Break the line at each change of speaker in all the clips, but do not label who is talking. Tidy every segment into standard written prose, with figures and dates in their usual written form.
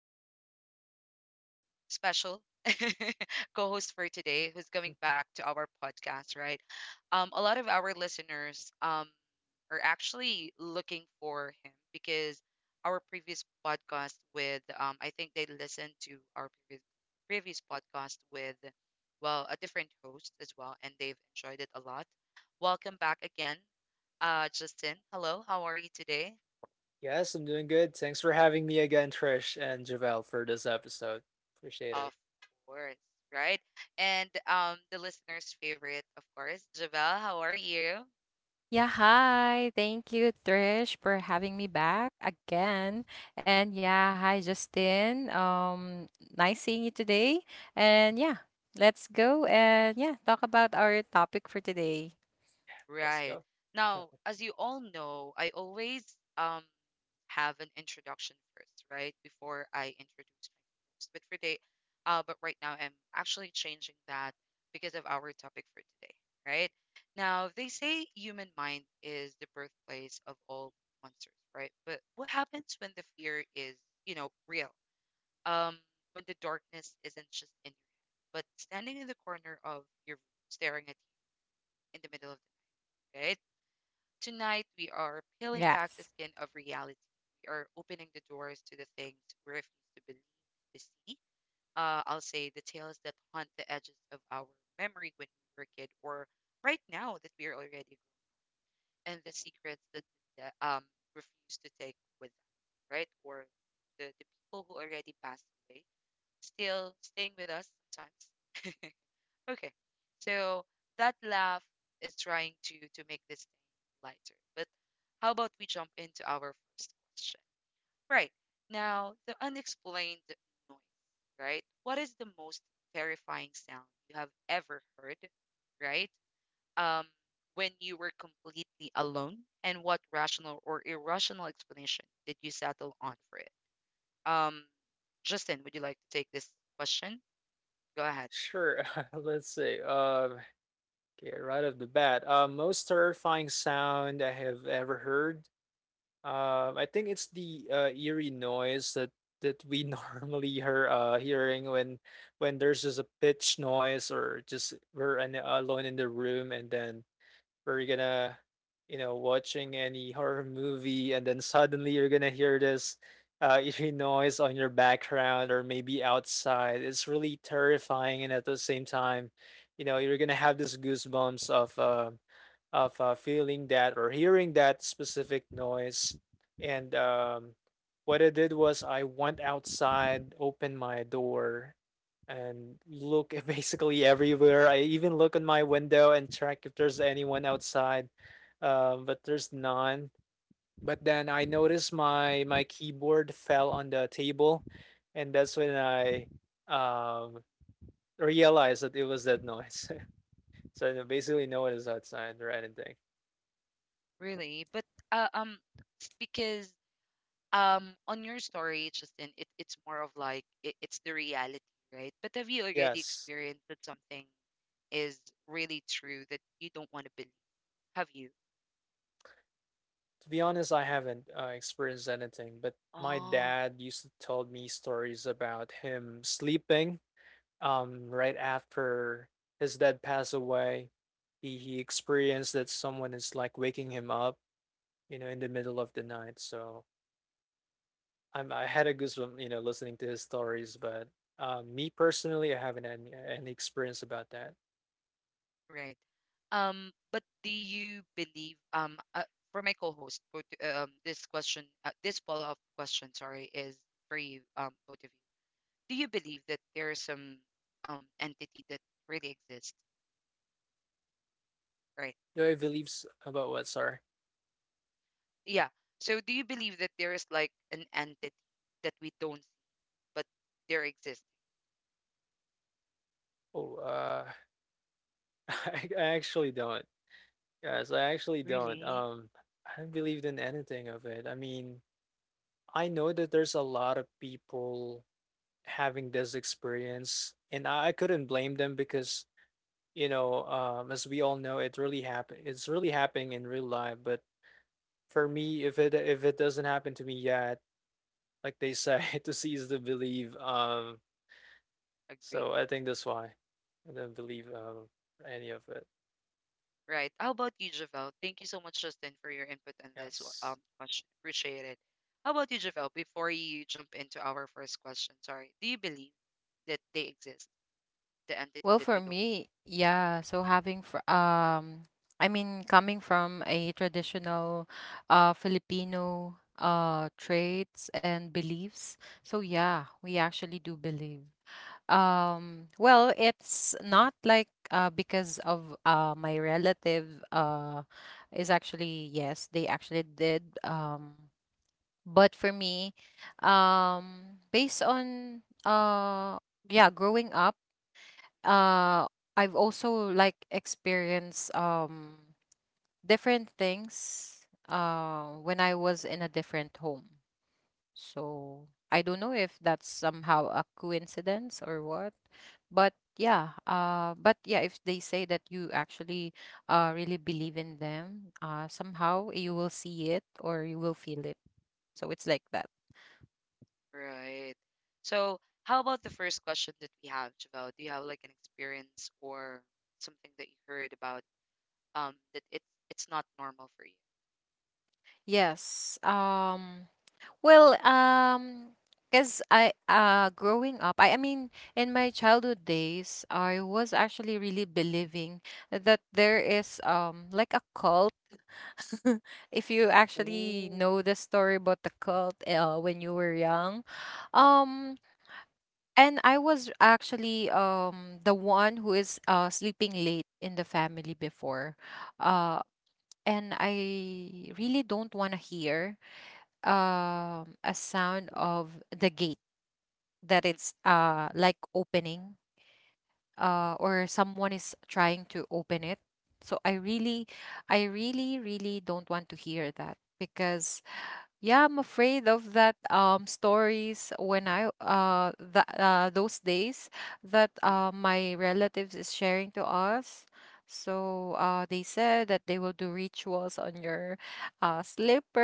important, right? Well, special co host for today who's coming back to our podcast, right? A lot of our listeners are actually looking for him because our previous podcast with, I think they listened to our previous podcast with, well, a different host as well, and they've enjoyed it a lot. Welcome back again, Justin. Hello, how are you today?
Yes, I'm doing good. Thanks for having me again, Trish and Javel, for this episode. Appreciate it.
Of course, right? And the listener's favorite, of course. Javel, how are you?
Yeah, hi. Thank you, Trish, for having me back again. And yeah, hi, Justin. Nice seeing you today. And yeah, let's go and yeah, talk about our topic for today.
Let's
Right.
go.
Now, as you all know, I always um have an introduction first, right? Before I introduce my host. But for today, but right now I'm actually changing that because of our topic for today, right? Now, they say human mind is the birthplace of all monsters, right? But what happens when the fear is, you know, real? um, when the darkness isn't just in your head, but standing in the corner of your room, staring at you in the middle of the night, right? Tonight, we are
Yes.
peeling back the skin of reality. We are opening the doors to the things we refuse to believe, to see. I'll say the tales that haunt the edges of our memory when we were a kid, or right now that we are already grown, and the secrets that refuse to take with us, right? Or the people who already passed away still staying with us sometimes. Okay. So that laugh is trying to make this thing lighter. But how about we jump into our first question? Right. Now, the unexplained noise, right? What is the most terrifying sound you have ever heard, right? Um, when you were completely alone, and what rational or irrational explanation did you settle on for it? Um, Justin, would you like to take this question? Go ahead.
Sure. Let's see. Okay, right off the bat, most terrifying sound I have ever heard. I think it's the eerie noise that we normally hear hearing when there's just a pitch noise or just we're an, alone in the room and then we're gonna you know watching any horror movie and then suddenly you're gonna hear this eerie noise on your background or maybe outside, it's really terrifying, and at the same time you know you're gonna have this goosebumps of feeling that or hearing that specific noise and what I did was I went outside, opened my door and look basically everywhere. I even look on my window and check if there's anyone outside, but there's none. But then I noticed my keyboard fell on the table, and that's when I um, realized that it was that noise. So then basically, no one is outside or anything.
Really, but uh, um, it's because on your story, it's just in it's more of like it's the reality, right? But have you already
Yes,
experienced that something is really true that you don't want to believe? Have you?
to be honest, I haven't experienced anything, but my
Oh,
dad used to tell me stories about him sleeping right after his dad passed away, he experienced that someone is like waking him up, you know, in the middle of the night. So I'm I had a goosebump, you know, listening to his stories. But me personally, I haven't had any experience about that.
right. But do you believe? For my co-host, both, this question, this follow-up question, sorry, is for you, both of you. Do you believe that there is some entity that really exists? Right.
Do I believe? Beliefs about what, sorry?
Yeah. So do you believe that there is like an entity that we don't see, but there exists?
Oh, I actually don't. Yes, I actually don't.
Really?
I haven't believed in anything of it. I mean, I know that there's a lot of people having this experience, and I couldn't blame them because, you know, as we all know, it really happen, it's really happening in real life. But for me, if it doesn't happen to me yet, like they say, to seize the believe.
Agree.
So I think that's why I don't believe any of it.
Right. How about you, Javel? Thank you so much, Justin, for your input on this
Yes.
question. Appreciate it. How about you, Javel? Before you jump into our first question, sorry, do you believe that they exist, the entity
Well,
that
for
we don't?
me, yeah, so having fr I mean coming from a traditional Filipino traits and beliefs. So yeah, we actually do believe. Well, it's not like because of my relative uh, is actually, yes, they actually did. But for me, based on yeah, growing up, uh, I've also like experienced different things when I was in a different home. So I don't know if that's somehow a coincidence or what. But yeah, if they say that you actually really believe in them, somehow you will see it or you will feel it. So it's like that.
See? Right. So how about the first question that we have, Javel? Do you have like an experience or something that you heard about that it's not normal for you?
Yes. Well, because I growing up, I mean in my childhood days, I was actually really believing that there is like a cult if you actually
Oh.
know the story about the cult when you were young. Um, and I was actually the one who is sleeping late in the family before. Uh, and I really don't want to hear a sound of the gate that
Mm, mm.
it's like opening or someone is trying to open it. So I really don't want to hear that because yeah, I'm afraid of that stories when I that those days that
Mm.
my relatives is sharing to us. So they said that they will do rituals on your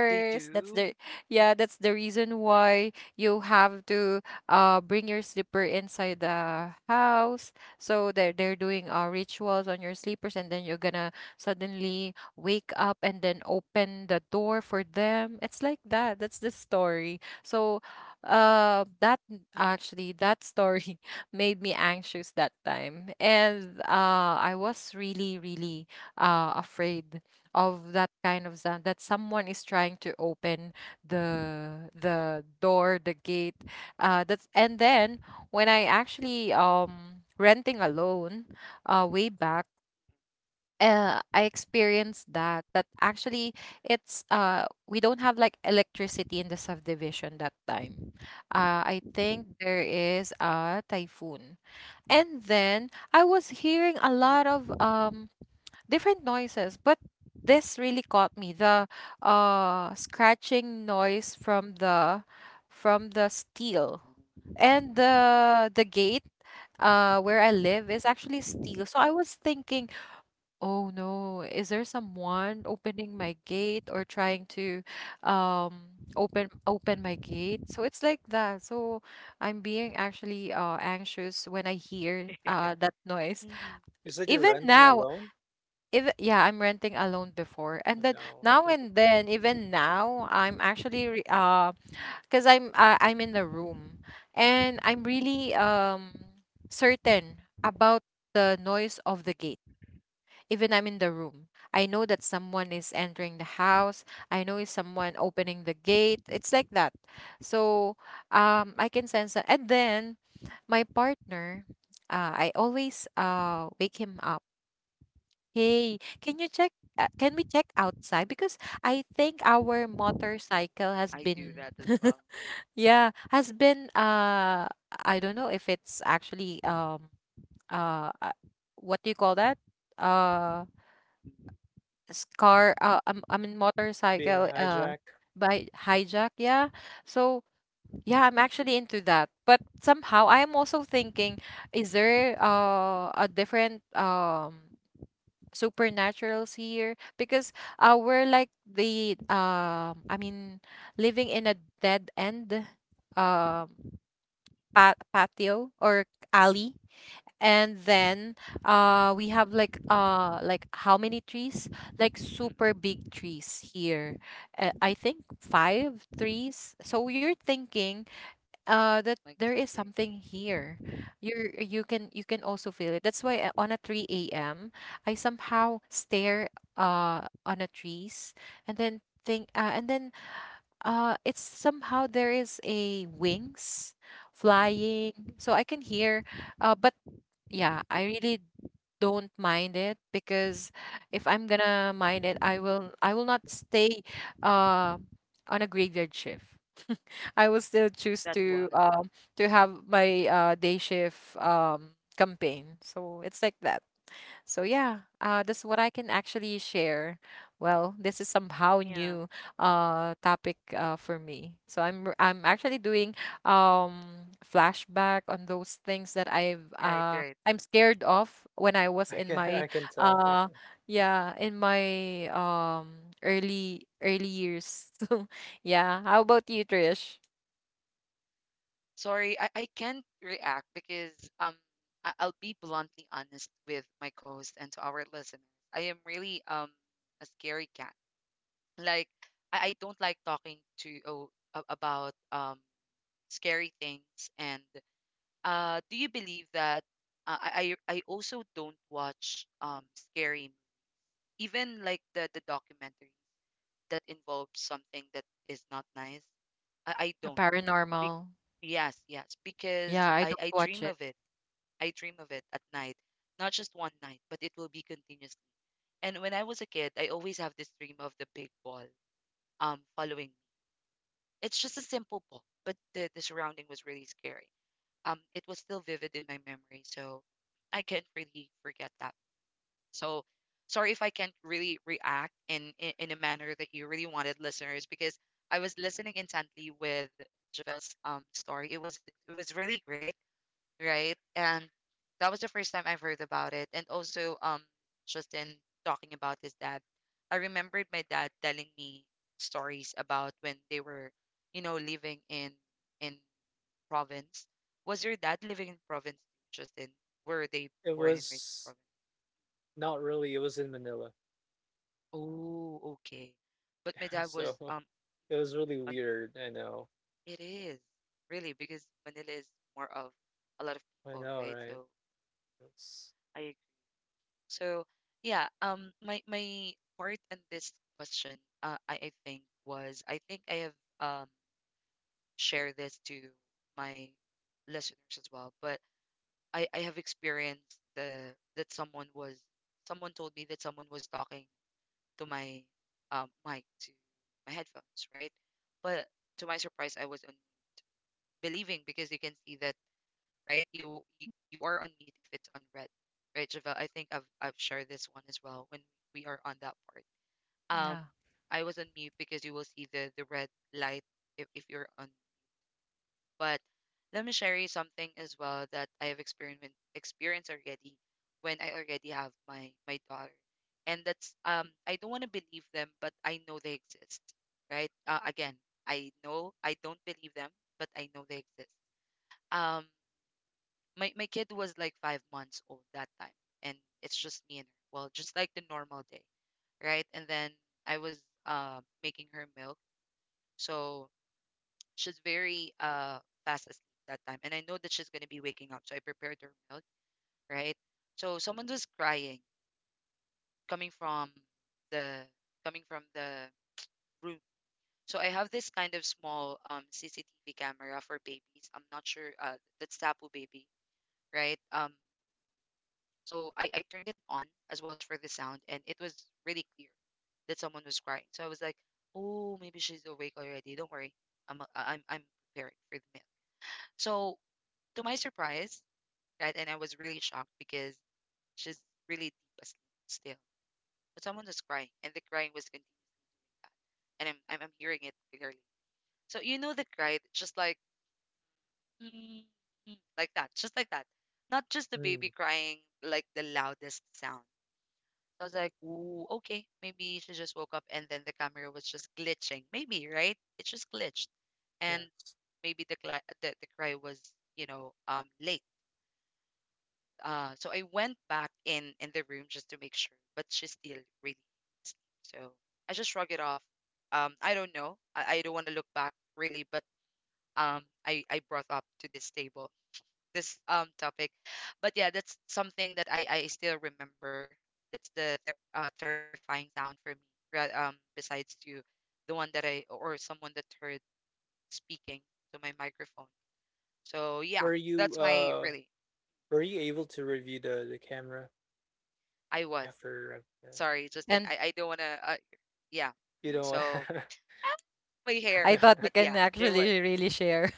They
That's
do?
the
Mm,
yeah, that's the reason why you have to bring your slipper inside the house. So they're doing rituals on your slippers, and then you're gonna suddenly wake up and then open the door for them. It's like that. That's the story. So, that
mm,
actually, that story made me anxious that time. And I was really, really afraid of that kind of sound that someone is trying to open the door, the gate, that's and then when I actually renting alone way back. I experienced that that actually it's we don't have like electricity in the subdivision that time. I think there is a typhoon, and then I was hearing a
mm,
lot of
mm, mm.
different noises, but this really caught me the scratching noise from the steel, and the gate where I live is actually steel. So I was thinking, oh no, is there someone opening my gate or trying to open my
No.
gate? So it's like that. So I'm being actually anxious when I
Mm,
hear
mm,
that noise.
mm, mm, mm.
You said you're
Even
renting
now,
alone.
even yeah, I'm renting alone before. And
Oh,
then now
no.
and then, even now, I'm actually re because I'm in the room and I'm really
Mm,
certain about the noise of the gate even I'm in the room. I know that someone is entering the house. I know it's someone opening the gate. It's like that. So I
mm.
can sense that. And then my partner, I always wake him up. Hey, can you check? Can we check outside? Because I think our motorcycle has
I do
been,
that as well.
yeah, has been. I don't know if it's actually uh, uh, what do you call that? Uh,
Mm,
s- car I mean
Being
motorcycle
hijacked.
by hijack, yeah. So yeah, I'm actually into that, but somehow I am also thinking, is there a different supernaturals here? Because we're like the I mean living in a dead end um pa patio or
mm, mm,
alley. And then we have like how many trees, like
mm.
super big
Mm.
trees here. I think five trees. So you're thinking that
Like
there is
so big.
something here. You can also feel it. That's why on a 3 a.m. I somehow stare uh on a trees and then think and then it's somehow there is a wings
Mm, mm.
flying, so I can hear. But yeah, I really don't mind it, because if I'm gonna mind it, I will not stay uh, on a graveyard shift. I will still choose
That was. Mm.
to have my day shift campaign. So it's like that. So yeah, that's what I can actually share. Well, this is somehow
Yeah,
new topic for me. So I'm actually doing flashback on those things that
right, right.
I'm scared of when I was
I
in
can
my
I can tell.
uh yeah, in my early early years. So yeah, how about you, Trish?
Sorry, I can't react because um I'll be bluntly honest with my co-host and to our listeners. I am really a scary cat. Like I don't like talking to about scary things and do you believe that I also don't watch scary even like the documentaries that involve something that is not nice. I
A
don't. Be-
paranormal.
yes, yes,
Yeah,
because
I
I
don't
I
watch
dream
it.
of it. I dream of it at night, not just one night, but it will be continuously. And when I was a kid, I always have this dream of the big ball following me. It's just a simple ball, but the surrounding was really scary. It was still vivid in my memory. So I can't really forget that. So sorry if I can't really react in a manner that you really wanted, listeners, because I was listening intently with Javel's story. It was it was really great, right? And that was the first time I've heard about it. And also Justin talking about his dad. I remembered my dad telling me stories about when they were, you know, living in province. Was your dad living in province, Justin? Were they
It
born and raised in
was
province?
not really, it was in Manila.
Oh, okay. But my dad
So
was
it was really
on,
weird, I know.
it is really because Manila is more of a lot of
I
people,
know,
right?
right?
So
That's
I agree. So yeah, my my part in this question, I think I have um shared this to my listeners as well, but I have experienced the that someone was someone told me that someone was talking to my mic to my headphones, right? But to my surprise, I was believing because you can see that, right? You are on mute if it's on red, right, Javelle? I think I've shared this one as well when we are on that part. Um,
Yeah.
I was on mute because you will see the red light if you're on, but let me share you something as well that I have experiment experienced already when I already have my my daughter, and that's I don't want to believe them, but I know they exist, right? Again, I know I don't believe them, but I know they exist. Um, my my kid was like 5 months old that time, and it's just me and her. Well, just like the normal day, right? And then I was making her milk, so she's very fast asleep that time, and I know that she's gonna be waking up, so I prepared her milk, right? So someone was crying coming from the coming from the room. So I have this kind of small CCTV camera for babies. I'm not sure that's Tapu baby, right? So I turned it on as well as for the sound, and it was really clear that someone was crying. So I was like, oh, maybe she's awake already. Don't worry, I'm a- I am I'm prepared for the milk. So to my surprise, right? And I was really shocked because she's really deep asleep still. But someone was crying, and the crying was continuing, and I'm hearing it clearly. So you know the cry, just like "Mm, mm," like that, just like that, not just the baby
Mm.
crying like the loudest sound. I was like, ooh, okay, maybe she just woke up, and then the camera was just glitching, maybe right? It just glitched,
Yeah.
and maybe the cry was, you know, late. So I went back in the room just to make sure, but she's still really asleep. So I just shrugged it off. I don't know. I don't want to look back really, but I brought up to this table this topic, but yeah, that's something that I still remember. That's the terrifying sound for me. Besides to the one that I or someone that heard speaking to my microphone. So yeah,
Were you
that's my
uh
really
were you able to review the camera
I was.
after
Sorry, Justin.
And
I don't want to yeah.
you know?
So ah, my hair,
I thought you
but
can
yeah, there was.
actually really share.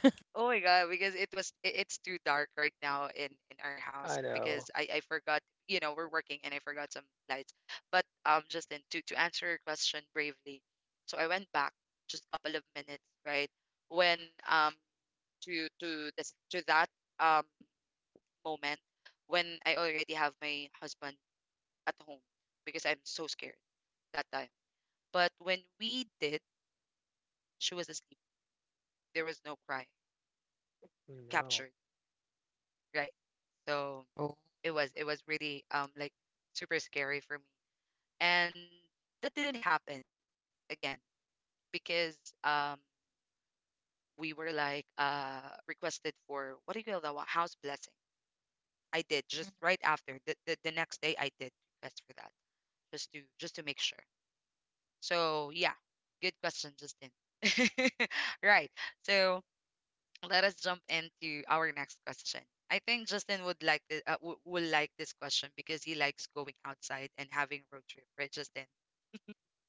Oh my god, because it was it's too dark right now in our
I
house
know.
because I forgot, you know, we're working and I forgot some lights. But Justin, to answer your question bravely, so I went back just couple of minutes right when um to this to that um moment when I already have my husband at home because I'm so scared that time. But when we did, she was asleep, there was no cry
No.
captured, right? So it was really like super scary for me. And that didn't happen again because um we were like requested for what do you call that one? House blessing. I did just right after the next day I did request for that just to make sure. So yeah, good question, Justin. Right. So let us jump into our next question. I think Justin would like the, will like this question because he likes going outside and having road trip, right, Justin?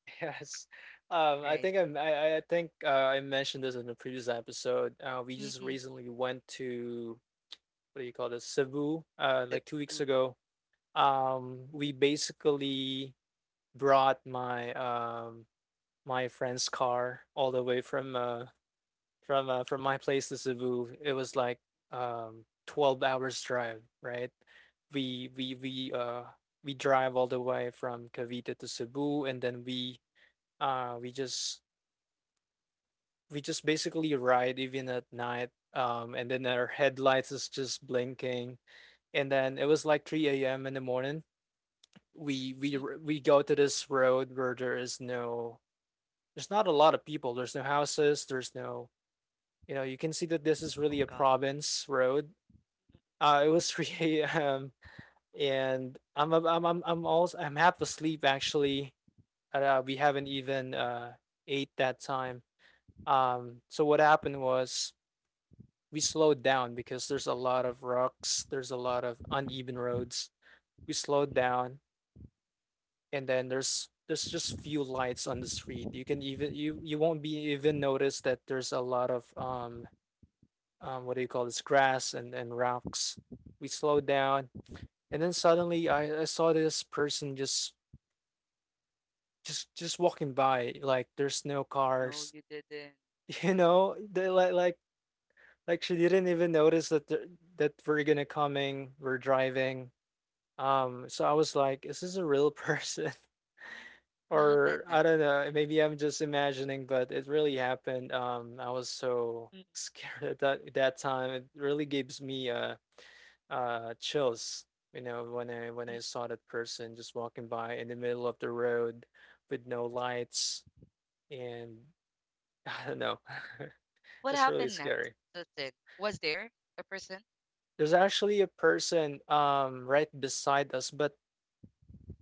Yes. I
Right?
think I think I mentioned this in the previous episode. Uh, we just
Mm-mm,
recently went to what do you call this? Cebu like 2 weeks
Cebu.
ago. We basically brought my my friend's car all the way from from my place to Cebu. It was like 12 hours drive, right? We we we uh we drive all the way from Cavite to Cebu, and then we uh we just just basically ride even at night and then our headlights is just blinking, and then it was like 3 a.m. in the morning. We we
Mm,
r- we go to this road where there is no there's not a lot of people. There's no houses, there's no, you know, you can see that this is
oh
really a
God.
province road. It was 3 a.m. and I'm ab- I'm also I'm half asleep actually. And, we haven't even ate that time. So what happened was we slowed down because there's a lot of rocks, there's a lot of uneven roads. We slowed
Mm-mm,
down, and then there's just few lights on the street. You can even you you won't be even notice that there's a lot of what do you call this, grass and rocks. We slowed down, and then suddenly I saw this person just just walking by, like there's no
no,
cars,
you didn't.
you know? They like like she didn't even notice that there, that we're gonna coming, we're driving. So I was like, is this a real person?
What happened
Or I
next?
don't know, maybe I'm just imagining, but it really happened. I was so scared at that time. It really gives me a chills, you know, when I
Mm-mm.
saw that person just walking by in the middle of the road with no lights. And I don't know.
What
It's really
happened next,
scary.
Justin? Was there a person?
There's actually a person right beside us, but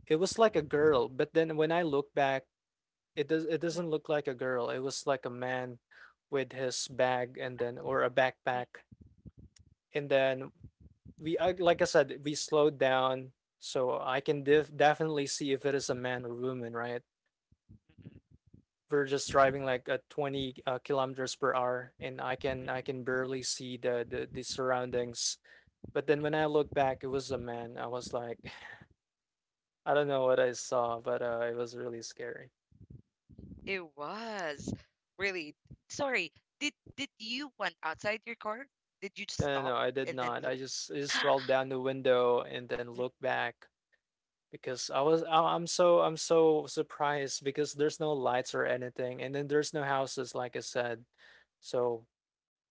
it was like a girl. But then when I look back, it
Mm,
doesn't look like a girl, it was like a man with his bag, and then, or a
mm,
backpack. And then like I said, we slowed down,
mm,
so I can definitely see if it is a man or woman, right? We're just driving like at 20 kilometers per hour, and i
mm, mm,
can i can barely see the, the surroundings. But then
mm,
when I
mm.
look back, it was a man. I was like I don't know what I saw, but it was really scary.
It was really sorry. Did you went outside your car? Did you just
No, no
stop
no I did
and then
not. I
look?
just I just rolled down the window and then looked back because I'm so I'm so surprised because there's no lights or anything, and then there's no houses, like I said. So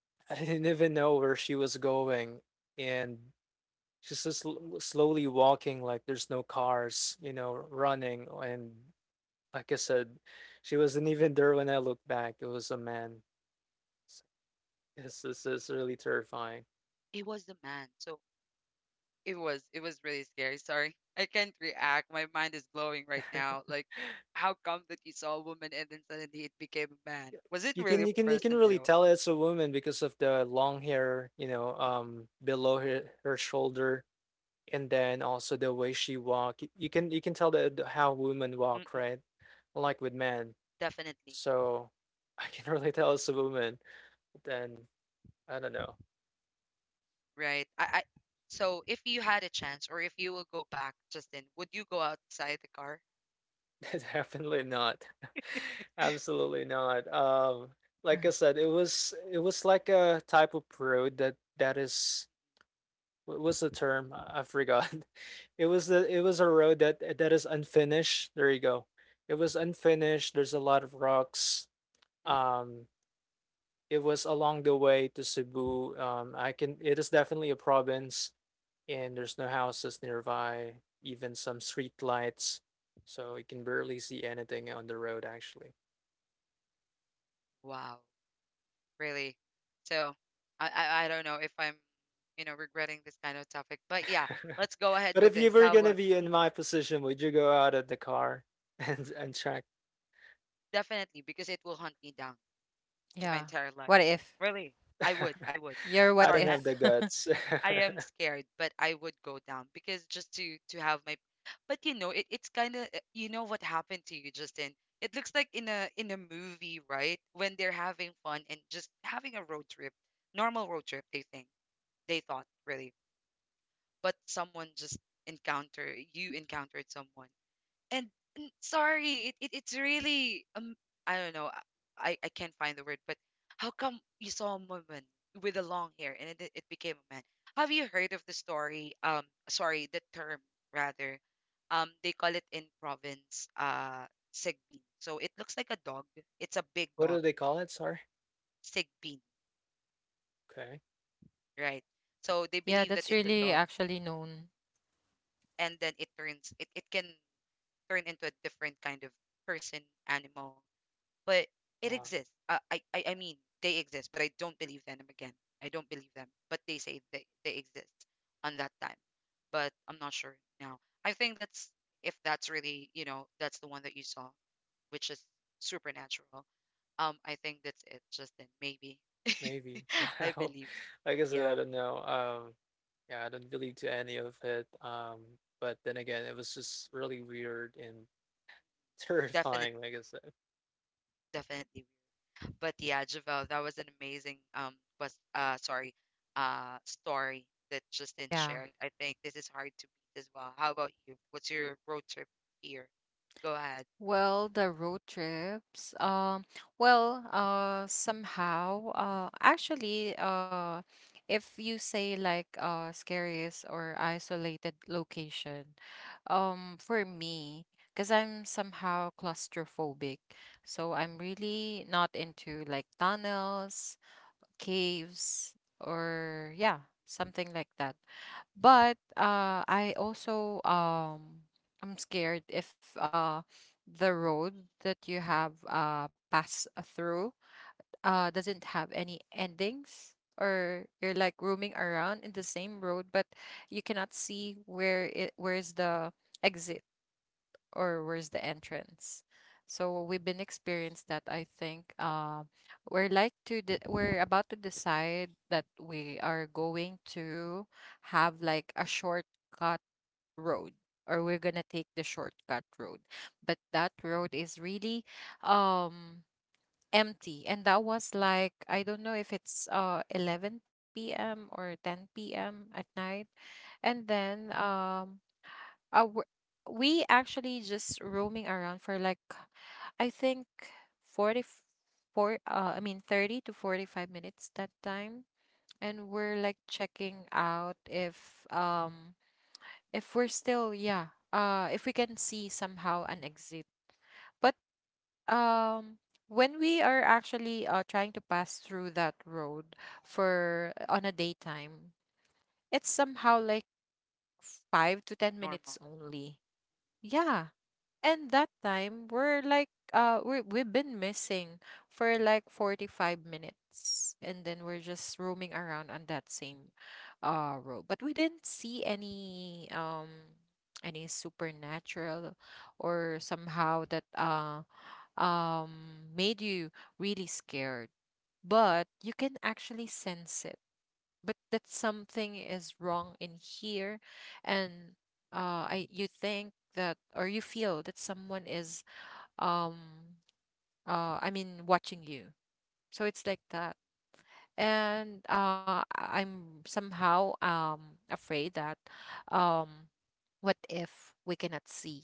I didn't even know where she was going. And she's just slowly walking, like there's no cars, you know, running. And, like I said, she wasn't even there when I looked back. It was a man. So, yes, this is
It
really
was a
terrifying.
man. So it was it was really scary. Sorry. I can't react. My mind is glowing right now. Like, how come that you saw a woman and then suddenly it became a man?
Yeah.
Was it
You
really a
can you can you
person
can really
though?
tell it's a woman because of the long hair, you know, below her shoulder, and then also the way she walk. You can tell that how women walk,
Mm-mm.
right? Unlike with men.
Definitely,
So I can really tell it's a woman. Then I don't know.
right? I so if you had a chance or if you will go back, Justin, would you go outside the car?
Definitely not. Absolutely not.
Mhm.
Like I said, it was like a type of road that is what was the term? I forgot. It was a road that is unfinished. There you go. It was unfinished. There's a lot of rocks.
Mm.
Um, it was along the way to Cebu. I can. It is definitely a province, and there's no houses nearby. Even some street lights, so you can barely see anything on the road actually.
Wow, really? So I don't know if I'm, regretting this kind of topic, but yeah, let's go ahead
But
with
if you
this.
were
How
gonna
about...
be in
Mm,
my position, would you go out of the car and check?
definitely because it will hunt me down to my
Yeah.
entire life.
What if?
Really, I would. I would.
Your what
I
Sorry,
don't
I,
have
if?
the guts.
I am scared, but I would go down because just to have my... But you know, it's kind of, you know what happened to you, Justin. It looks like in a movie, right? When they're having fun and just having a road trip, normal road trip. They thought really, but someone just encounter you encountered someone, and sorry, it's really I don't know, I can't find the word, but how come you saw a woman with a long hair and it became a man? Have you heard of the story? Sorry, the term, rather. They call it in province sigbin. So it looks like a dog. It's a big
What
dog,
do they call it? Sorry.
sigbin,
Okay.
right? So they
Yeah,
believe that
that's
it's a
really
dog,
actually known.
and then it can turn into a different kind of person, animal, but it
Wow.
exists. I mean, they exist, but I don't believe them again. I don't believe them, but they say they exist on that time. But I'm not sure now. I think that's if that's really, that's the one that you saw, which is supernatural. I think that's it. Just then maybe.
Maybe. Yeah.
I believe.
Like I said, I
Yeah,
don't know. Yeah, I don't believe to any of it. But then again, it was just really weird and
definitely,
terrifying, like I said.
definitely. But yeah, Javel, that was an amazing was sorry, story that Justin
Yeah.
shared. I think this is hard to beat as well. How about you? What's your road trip here? Go ahead.
Well, the road trips. Well, if you say like scariest or isolated location, for me, because I'm somehow claustrophobic, so I'm really not into like tunnels, caves, or yeah,
Mm.
something like that. But I also I'm scared if the road that you have pass through doesn't have any endings, or you're like roaming around in the same road, but you cannot see where it where's the exit or where's the entrance. So we've been experienced that. I think we're like we're about to decide that we are going to have like a shortcut road, or we're gonna take the shortcut road. But that road is really um empty, and that was like I don't know if it's 11 p.m. or 10 p.m. at night. And then uh, w- we actually just roaming around for like I think 44 I mean 30 to 45 minutes that time, and we're like checking out if we're still yeah if we can see somehow an exit. But um when we are actually trying to pass through that road for on a daytime, it's somehow like 5 to 10
Normal.
minutes only. Yeah, and that time we're like we've been missing for like 45 minutes, and then we're just roaming around on that same road. But we didn't see any supernatural or somehow that made you really scared, but you can actually sense it but that something is wrong in here. And I you think that or you feel that someone is um I mean watching you. So it's like that. And I'm somehow afraid that um what if we cannot see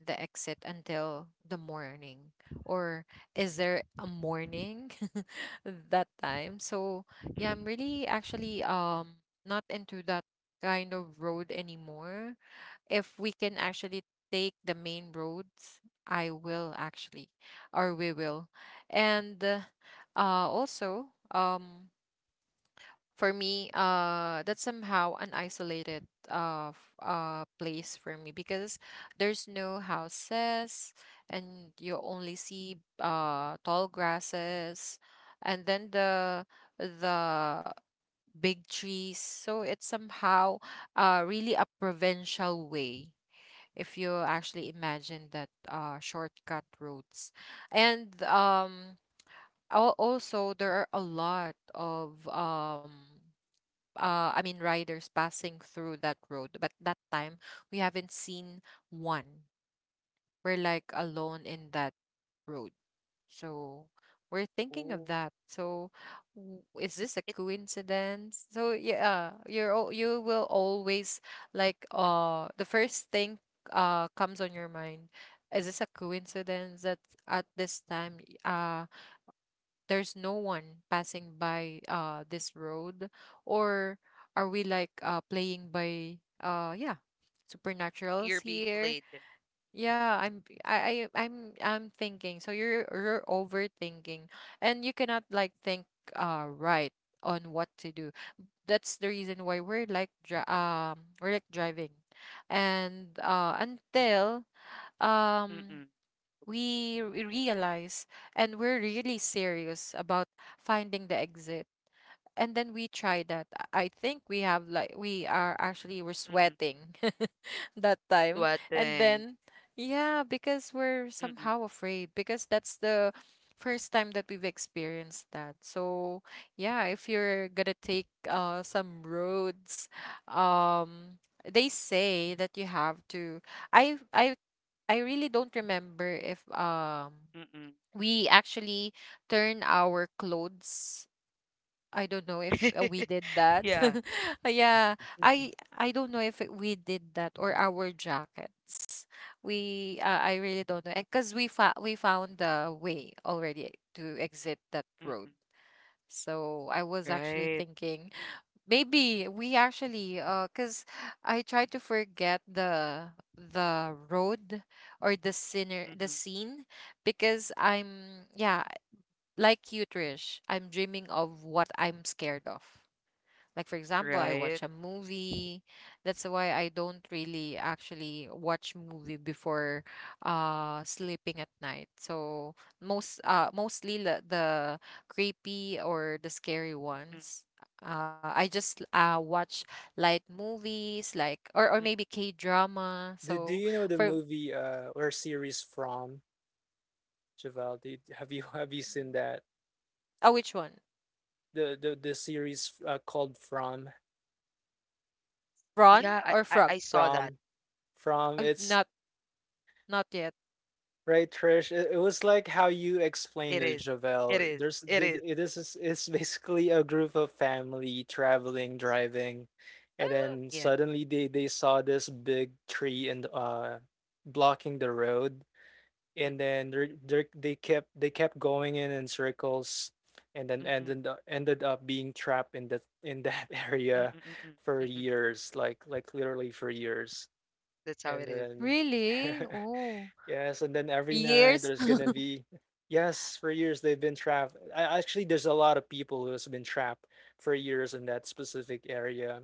the exit until the morning? Or is there a morning that time? So yeah, I'm
Mm-mm.
really actually not into that kind of road anymore. If we can actually take the main roads, I will actually, or we will. And also, for me, that's somehow an isolated place for me because there's no houses, and you only see tall grasses and then the big trees. So it's somehow really a provincial way if you actually imagine that shortcut roads. And al- also there are a lot of I mean, riders passing through that road. But that time, we haven't seen one. We're like alone in that road. So we're thinking of
Oh,
that. So is this a
it
coincidence? So yeah, you will always like the first thing comes on your mind. Is this a coincidence that at this time? There's no one passing by this road, or are we like playing by yeah
you're
supernaturals
being
here?
played.
Yeah, I I'm thinking. So you're overthinking and you cannot like think right on what to do. That's the reason why we're like we're like driving. And until um
Mm-mm.
we realize and we're really serious about finding the exit, and then we try that. I think we have like we are actually we're
Mm-mm.
sweating that time. And
Sweating.
then yeah, because we're
Mm-mm.
somehow afraid, because that's the first time that we've experienced that. So yeah, if you're gonna take some roads um, they say that you have to I I I really don't remember if
Mm-mm.
we actually turn our clothes. I don't know if we did that.
Yeah.
Yeah,
Mhm.
I don't know if we did that or our jackets. We I really don't know, because we found the way already to exit that
Mm-mm.
road. So I was actually
Right.
thinking, maybe we actually cuz I try to forget the road or the
Mm-mm.
scene because I'm yeah, like you Trish, I'm dreaming of what I'm scared of. Like, for example, I
Right.
watch a movie. That's why I don't really actually watch movie before sleeping at night. So mostly the creepy or the scary
Mm-mm.
ones. I just watch light movies, like or
Mm-mm.
maybe K drama.
Do, do
So
you know the
for
movie or series From, Javel? Did, have you have you seen that?
oh which one?
The the series called From.
Ron
Yeah,
or Frog?
I saw that.
From it's
Not not yet.
right, Trish. It was like how you explained
It
it,
is. It
Javel.
is.
There's
It is.
this is it's basically a group of family traveling, driving, and
Ah,
then
yes.
suddenly they saw this big tree and blocking the road, and then they kept going in circles, and then
Mm-mm,
ended up being trapped in that
mm-mm,
area
mm-mm,
for
mm-mm.
years, like literally for years.
That's how
And
it is.
then,
Really? Oh,
yes, and then every night
years.
there's gonna be, yes, for years they've been trapped. I, actually, there's a lot of people who has been trapped for years in that specific area.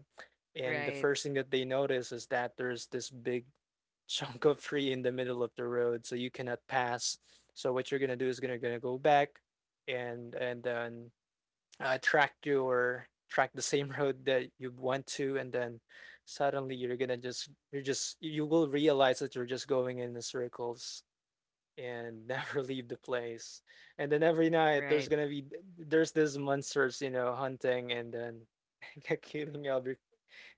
And the
Right,
first thing that they notice is that there's this big chunk of tree in the middle of the road, so you cannot pass. So what you're gonna do is gonna go back, and then track your track the same road that you went to, and then suddenly you're just you will realize that you're just going in the circles and never leave the place. And then every night there's
right.
gonna be there's these monsters, you know, hunting and then killing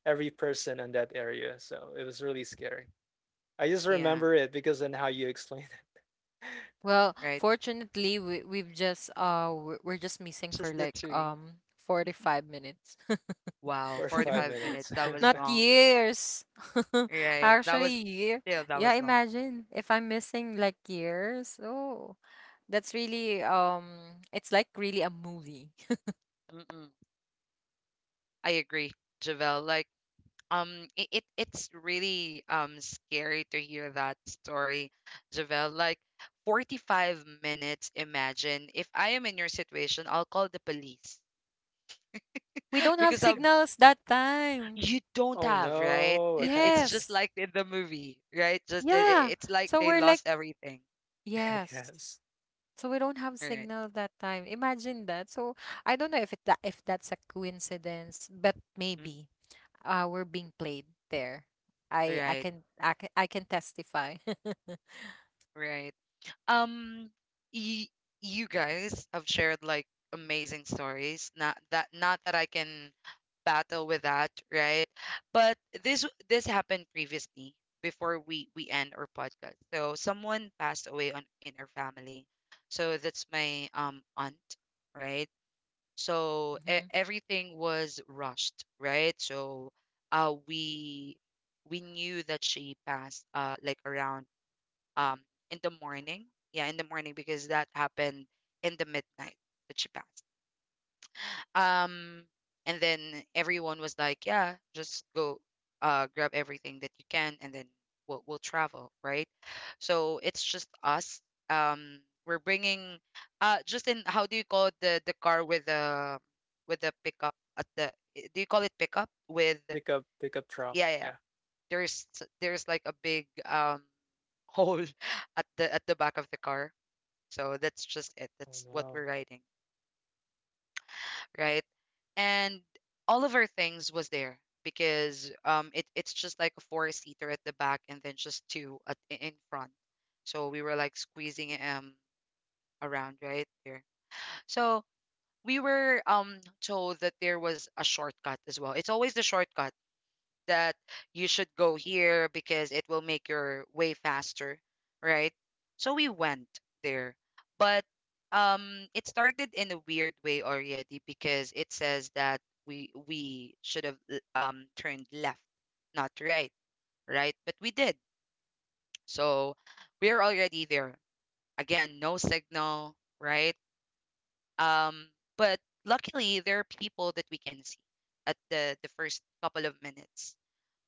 every person in that area. So it was really scary. I just
Yeah,
remember it because and how you explained.
Well,
right.
fortunately, we're just missing for
Just the
like
three.
45 minutes.
It
Wow,
45
45
minutes.
minutes. That was
Not
long.
years.
Right. That was...
Actually, year.
Yeah, that
Yeah,
was long.
imagine if I'm missing like years. Oh, that's really it's like really a movie.
Mm-mm. I agree, Javel. Like, it's really scary to hear that story, Javel. Like, 45 minutes. Imagine if I am in your situation, I'll call the police
We don't have
because I'm...
signals that time.
You don't
Oh
have, right,
no.
it's just
Yes.
like in the movie, right? Just
Yeah.
it's like
So
they
we're like
lost everything,
yes.
Yes.
So we don't have
right.
signal that time. Imagine that. So I don't know if it that if that's a coincidence, but
Mm.
maybe we're being played there.
Right.
I can testify.
Right. um y- you guys have shared like amazing stories, not that I can battle with that, right? But this this happened previously before we end our podcast. So someone passed away on in our family, so that's my aunt, right? So
Hmm.
everything was rushed, right? So uh, we we knew that she passed like around um, in the morning. Yeah, in the morning because that happened in the midnight that she passed. Um, and then everyone was like, "Yeah, just go, grab everything that you can, and then we'll travel, right?" So it's just us. Um, we're bringing, just in, how do you call it, the car with the pickup at the? Do you call it pickup with?
Pickup
Yeah,
truck,
yeah.
yeah.
There's there's like a big hole at the back of the car. So that's just it.
Oh
That's what we're
no.
riding. Right? And all of our things was there because it's just like a four seater at the back and then just two in front. So we were like squeezing around right there. So we were told that there was a shortcut as well. It's always the shortcut that you should go here because it will make your way faster, right? So we went there. But it started in a weird way already because it says that we should have turned left, not right, right? But we did. So we're already there. Again, no signal, right? Um but luckily there are people that we can see at the first couple of minutes,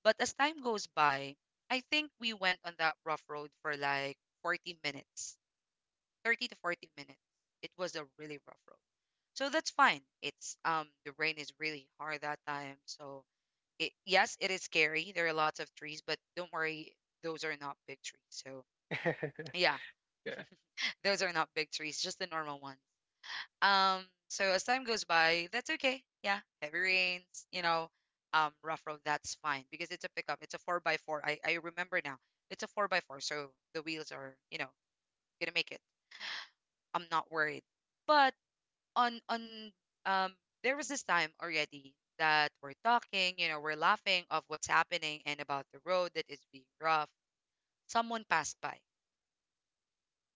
but as time goes by, I think we went on that rough road for like 40 minutes, 30 to 40 minutes. It was a really rough road. So that's fine. It's The rain is really hard that time. So it yes, it is scary. There are lots of trees, but don't worry, those are not big trees. So yeah,
Yeah.
those are not big trees, just the normal ones. So as time goes by, that's okay. Yeah, heavy rains, you know, rough road, that's fine because it's a pickup. It's a four by four. I remember now. It's a four by four, so the wheels are, gonna make it. I'm not worried. But on um there was this time already that we're talking, we're laughing of what's happening and about the road that is being rough. Someone passed by.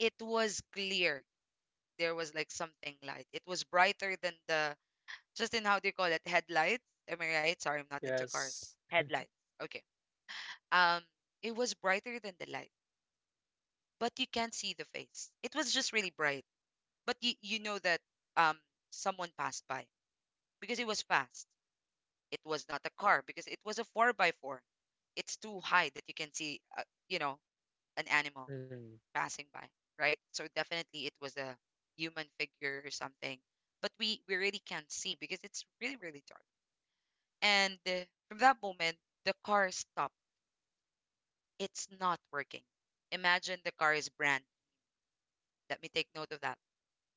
It was clear. There was like something light. It was brighter than the... Just in, how do you call it? Headlights? Am I right? Sorry, I'm not into cars.
Yes.
Headlights. Okay. Um, it was brighter than the light, but you can't see the face. It was just really bright. But you know that um someone passed by because it was fast. It was not a car because it was a four by four. It's too high that you can see, you know, an animal
Mm.
passing by, right? So definitely it was a human figure or something. But we really can't see because it's really really dark. And from that moment, the car stopped. It's not working. Imagine the car is brand. Let me take note of that.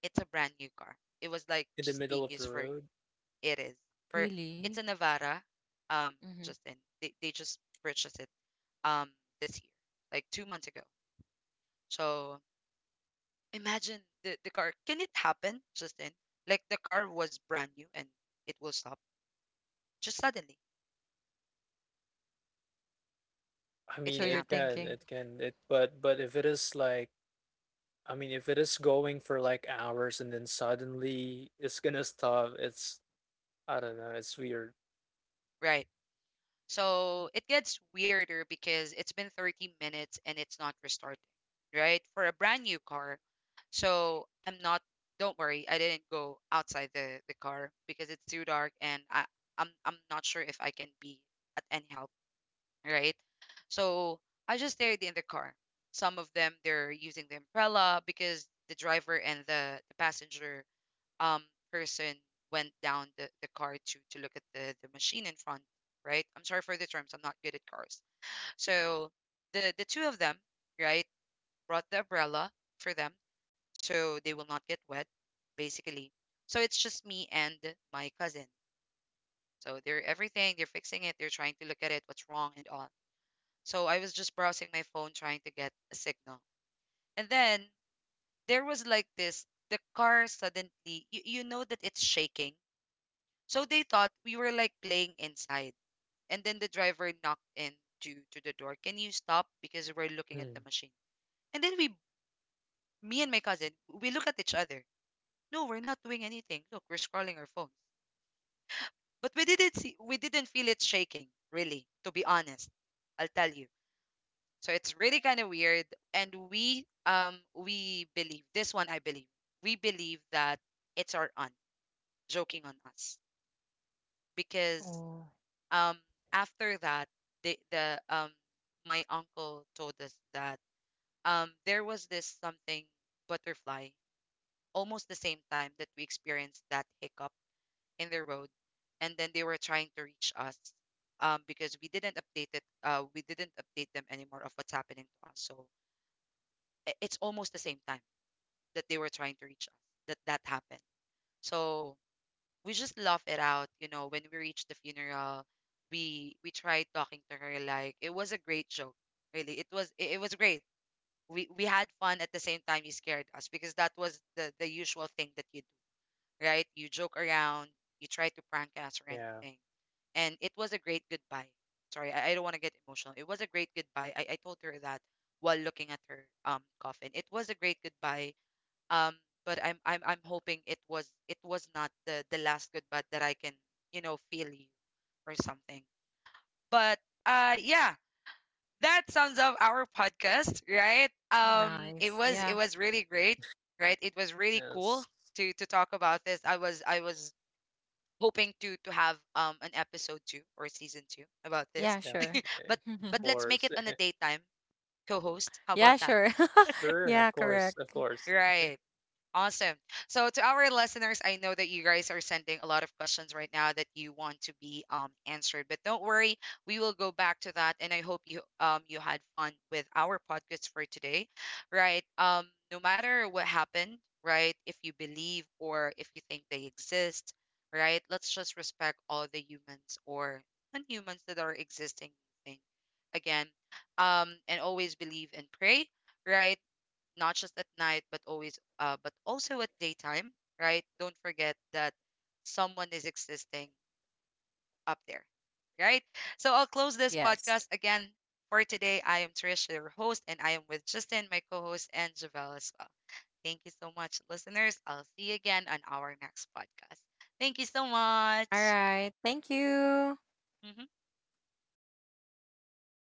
It's a brand new car. It was like
In the
just
middle
being
of the
used for,
road.
it is for it's a
Really?
Navara. Um, just
Hmm.
in, they just purchased it um this year, like 2 months ago. So imagine the car. Can it happen, Justin? Like the car was brand new and it will stop just suddenly.
I
It
So
mean,
can
you're
happen,
thinking,
it. But if it is like, I mean, if it is going for like hours and then suddenly it's gonna stop, it's I don't know, it's weird.
right? So it gets weirder because it's been 30 minutes and it's not restarting, right? For a brand new car. So I'm not, don't worry, I didn't go outside the car because it's too dark and I'm not sure if I can be at any help, right? So I just stayed in the car. Some of them, they're using the umbrella because the driver and the passenger um person went down the car to look at the machine in front, right? I'm sorry for the terms, I'm not good at cars. So the two of them, right, brought the umbrella for them so they will not get wet, basically. So it's just me and my cousin. So they're everything they're fixing it, they're trying to look at it, what's wrong and all. So I was just browsing my phone trying to get a signal. And then there was like this the car suddenly, you know that it's shaking. So they thought we were like playing inside. And then the driver knocked in to the door. Can you stop? Because we're looking at
Mm.
the machine. And then we, me and my cousin, we look at each other. No, we're not doing anything. Look, we're scrolling our phones. But we didn't see, we didn't feel it shaking, really, to be honest. I'll tell you. So it's really kind of weird. And we believe, this one I believe, we believe that it's our aunt joking on us. Because
oh,
um after that, the my uncle told us that there was this something butterfly almost the same time that we experienced that hiccup in the road. And then they were trying to reach us, because we didn't update it we didn't update them anymore of what's happening to us. So it's almost the same time that they were trying to reach us that that happened. So we just laugh it out, when we reached the funeral. We tried talking to her like it was a great joke. Really, it was great. We had fun. At the same time, you scared us, because that was the usual thing that you do. Right? You joke around, you try to prank us or
Yeah.
anything. And it was a great goodbye. Sorry, I don't want to get emotional. It was a great goodbye. I told her that while looking at her coffin. It was a great goodbye. um but I'm hoping it was not the last goodbye that I can, feel you or something. But yeah, that sums up our podcast, right?
nice. Yeah.
It was really great. Right? It was really
Yes.
cool to talk about this. I was hoping to have an episode 2 or season 2 about this.
Yeah, sure.
Definitely.
But
Of
let's make
course.
it on a daytime, co-host. How about
Yeah,
that?
sure.
Sure. Of
Yeah,
course. Of
correct.
course.
Right? Awesome. So to our listeners, I know that you guys are sending a lot of questions right now that you want to be answered, but don't worry, we will go back to that. And I hope you had fun with our podcast for today, right? No matter what happened, right? If you believe or if you think they exist, right? Let's just respect all the humans or non-humans that are existing thing. Again, and always believe and pray, right? Not just at night but always, but also at daytime. Right? Don't forget that someone is existing up there. Right? So I'll close this
Yes.
podcast again for today. I am Trish, your host, and I am with Justin, my co-host, and Javel as well. Thank you so much, listeners. I'll see you again on our next podcast. Thank you so
All
much.
right. Thank you.
Mhm.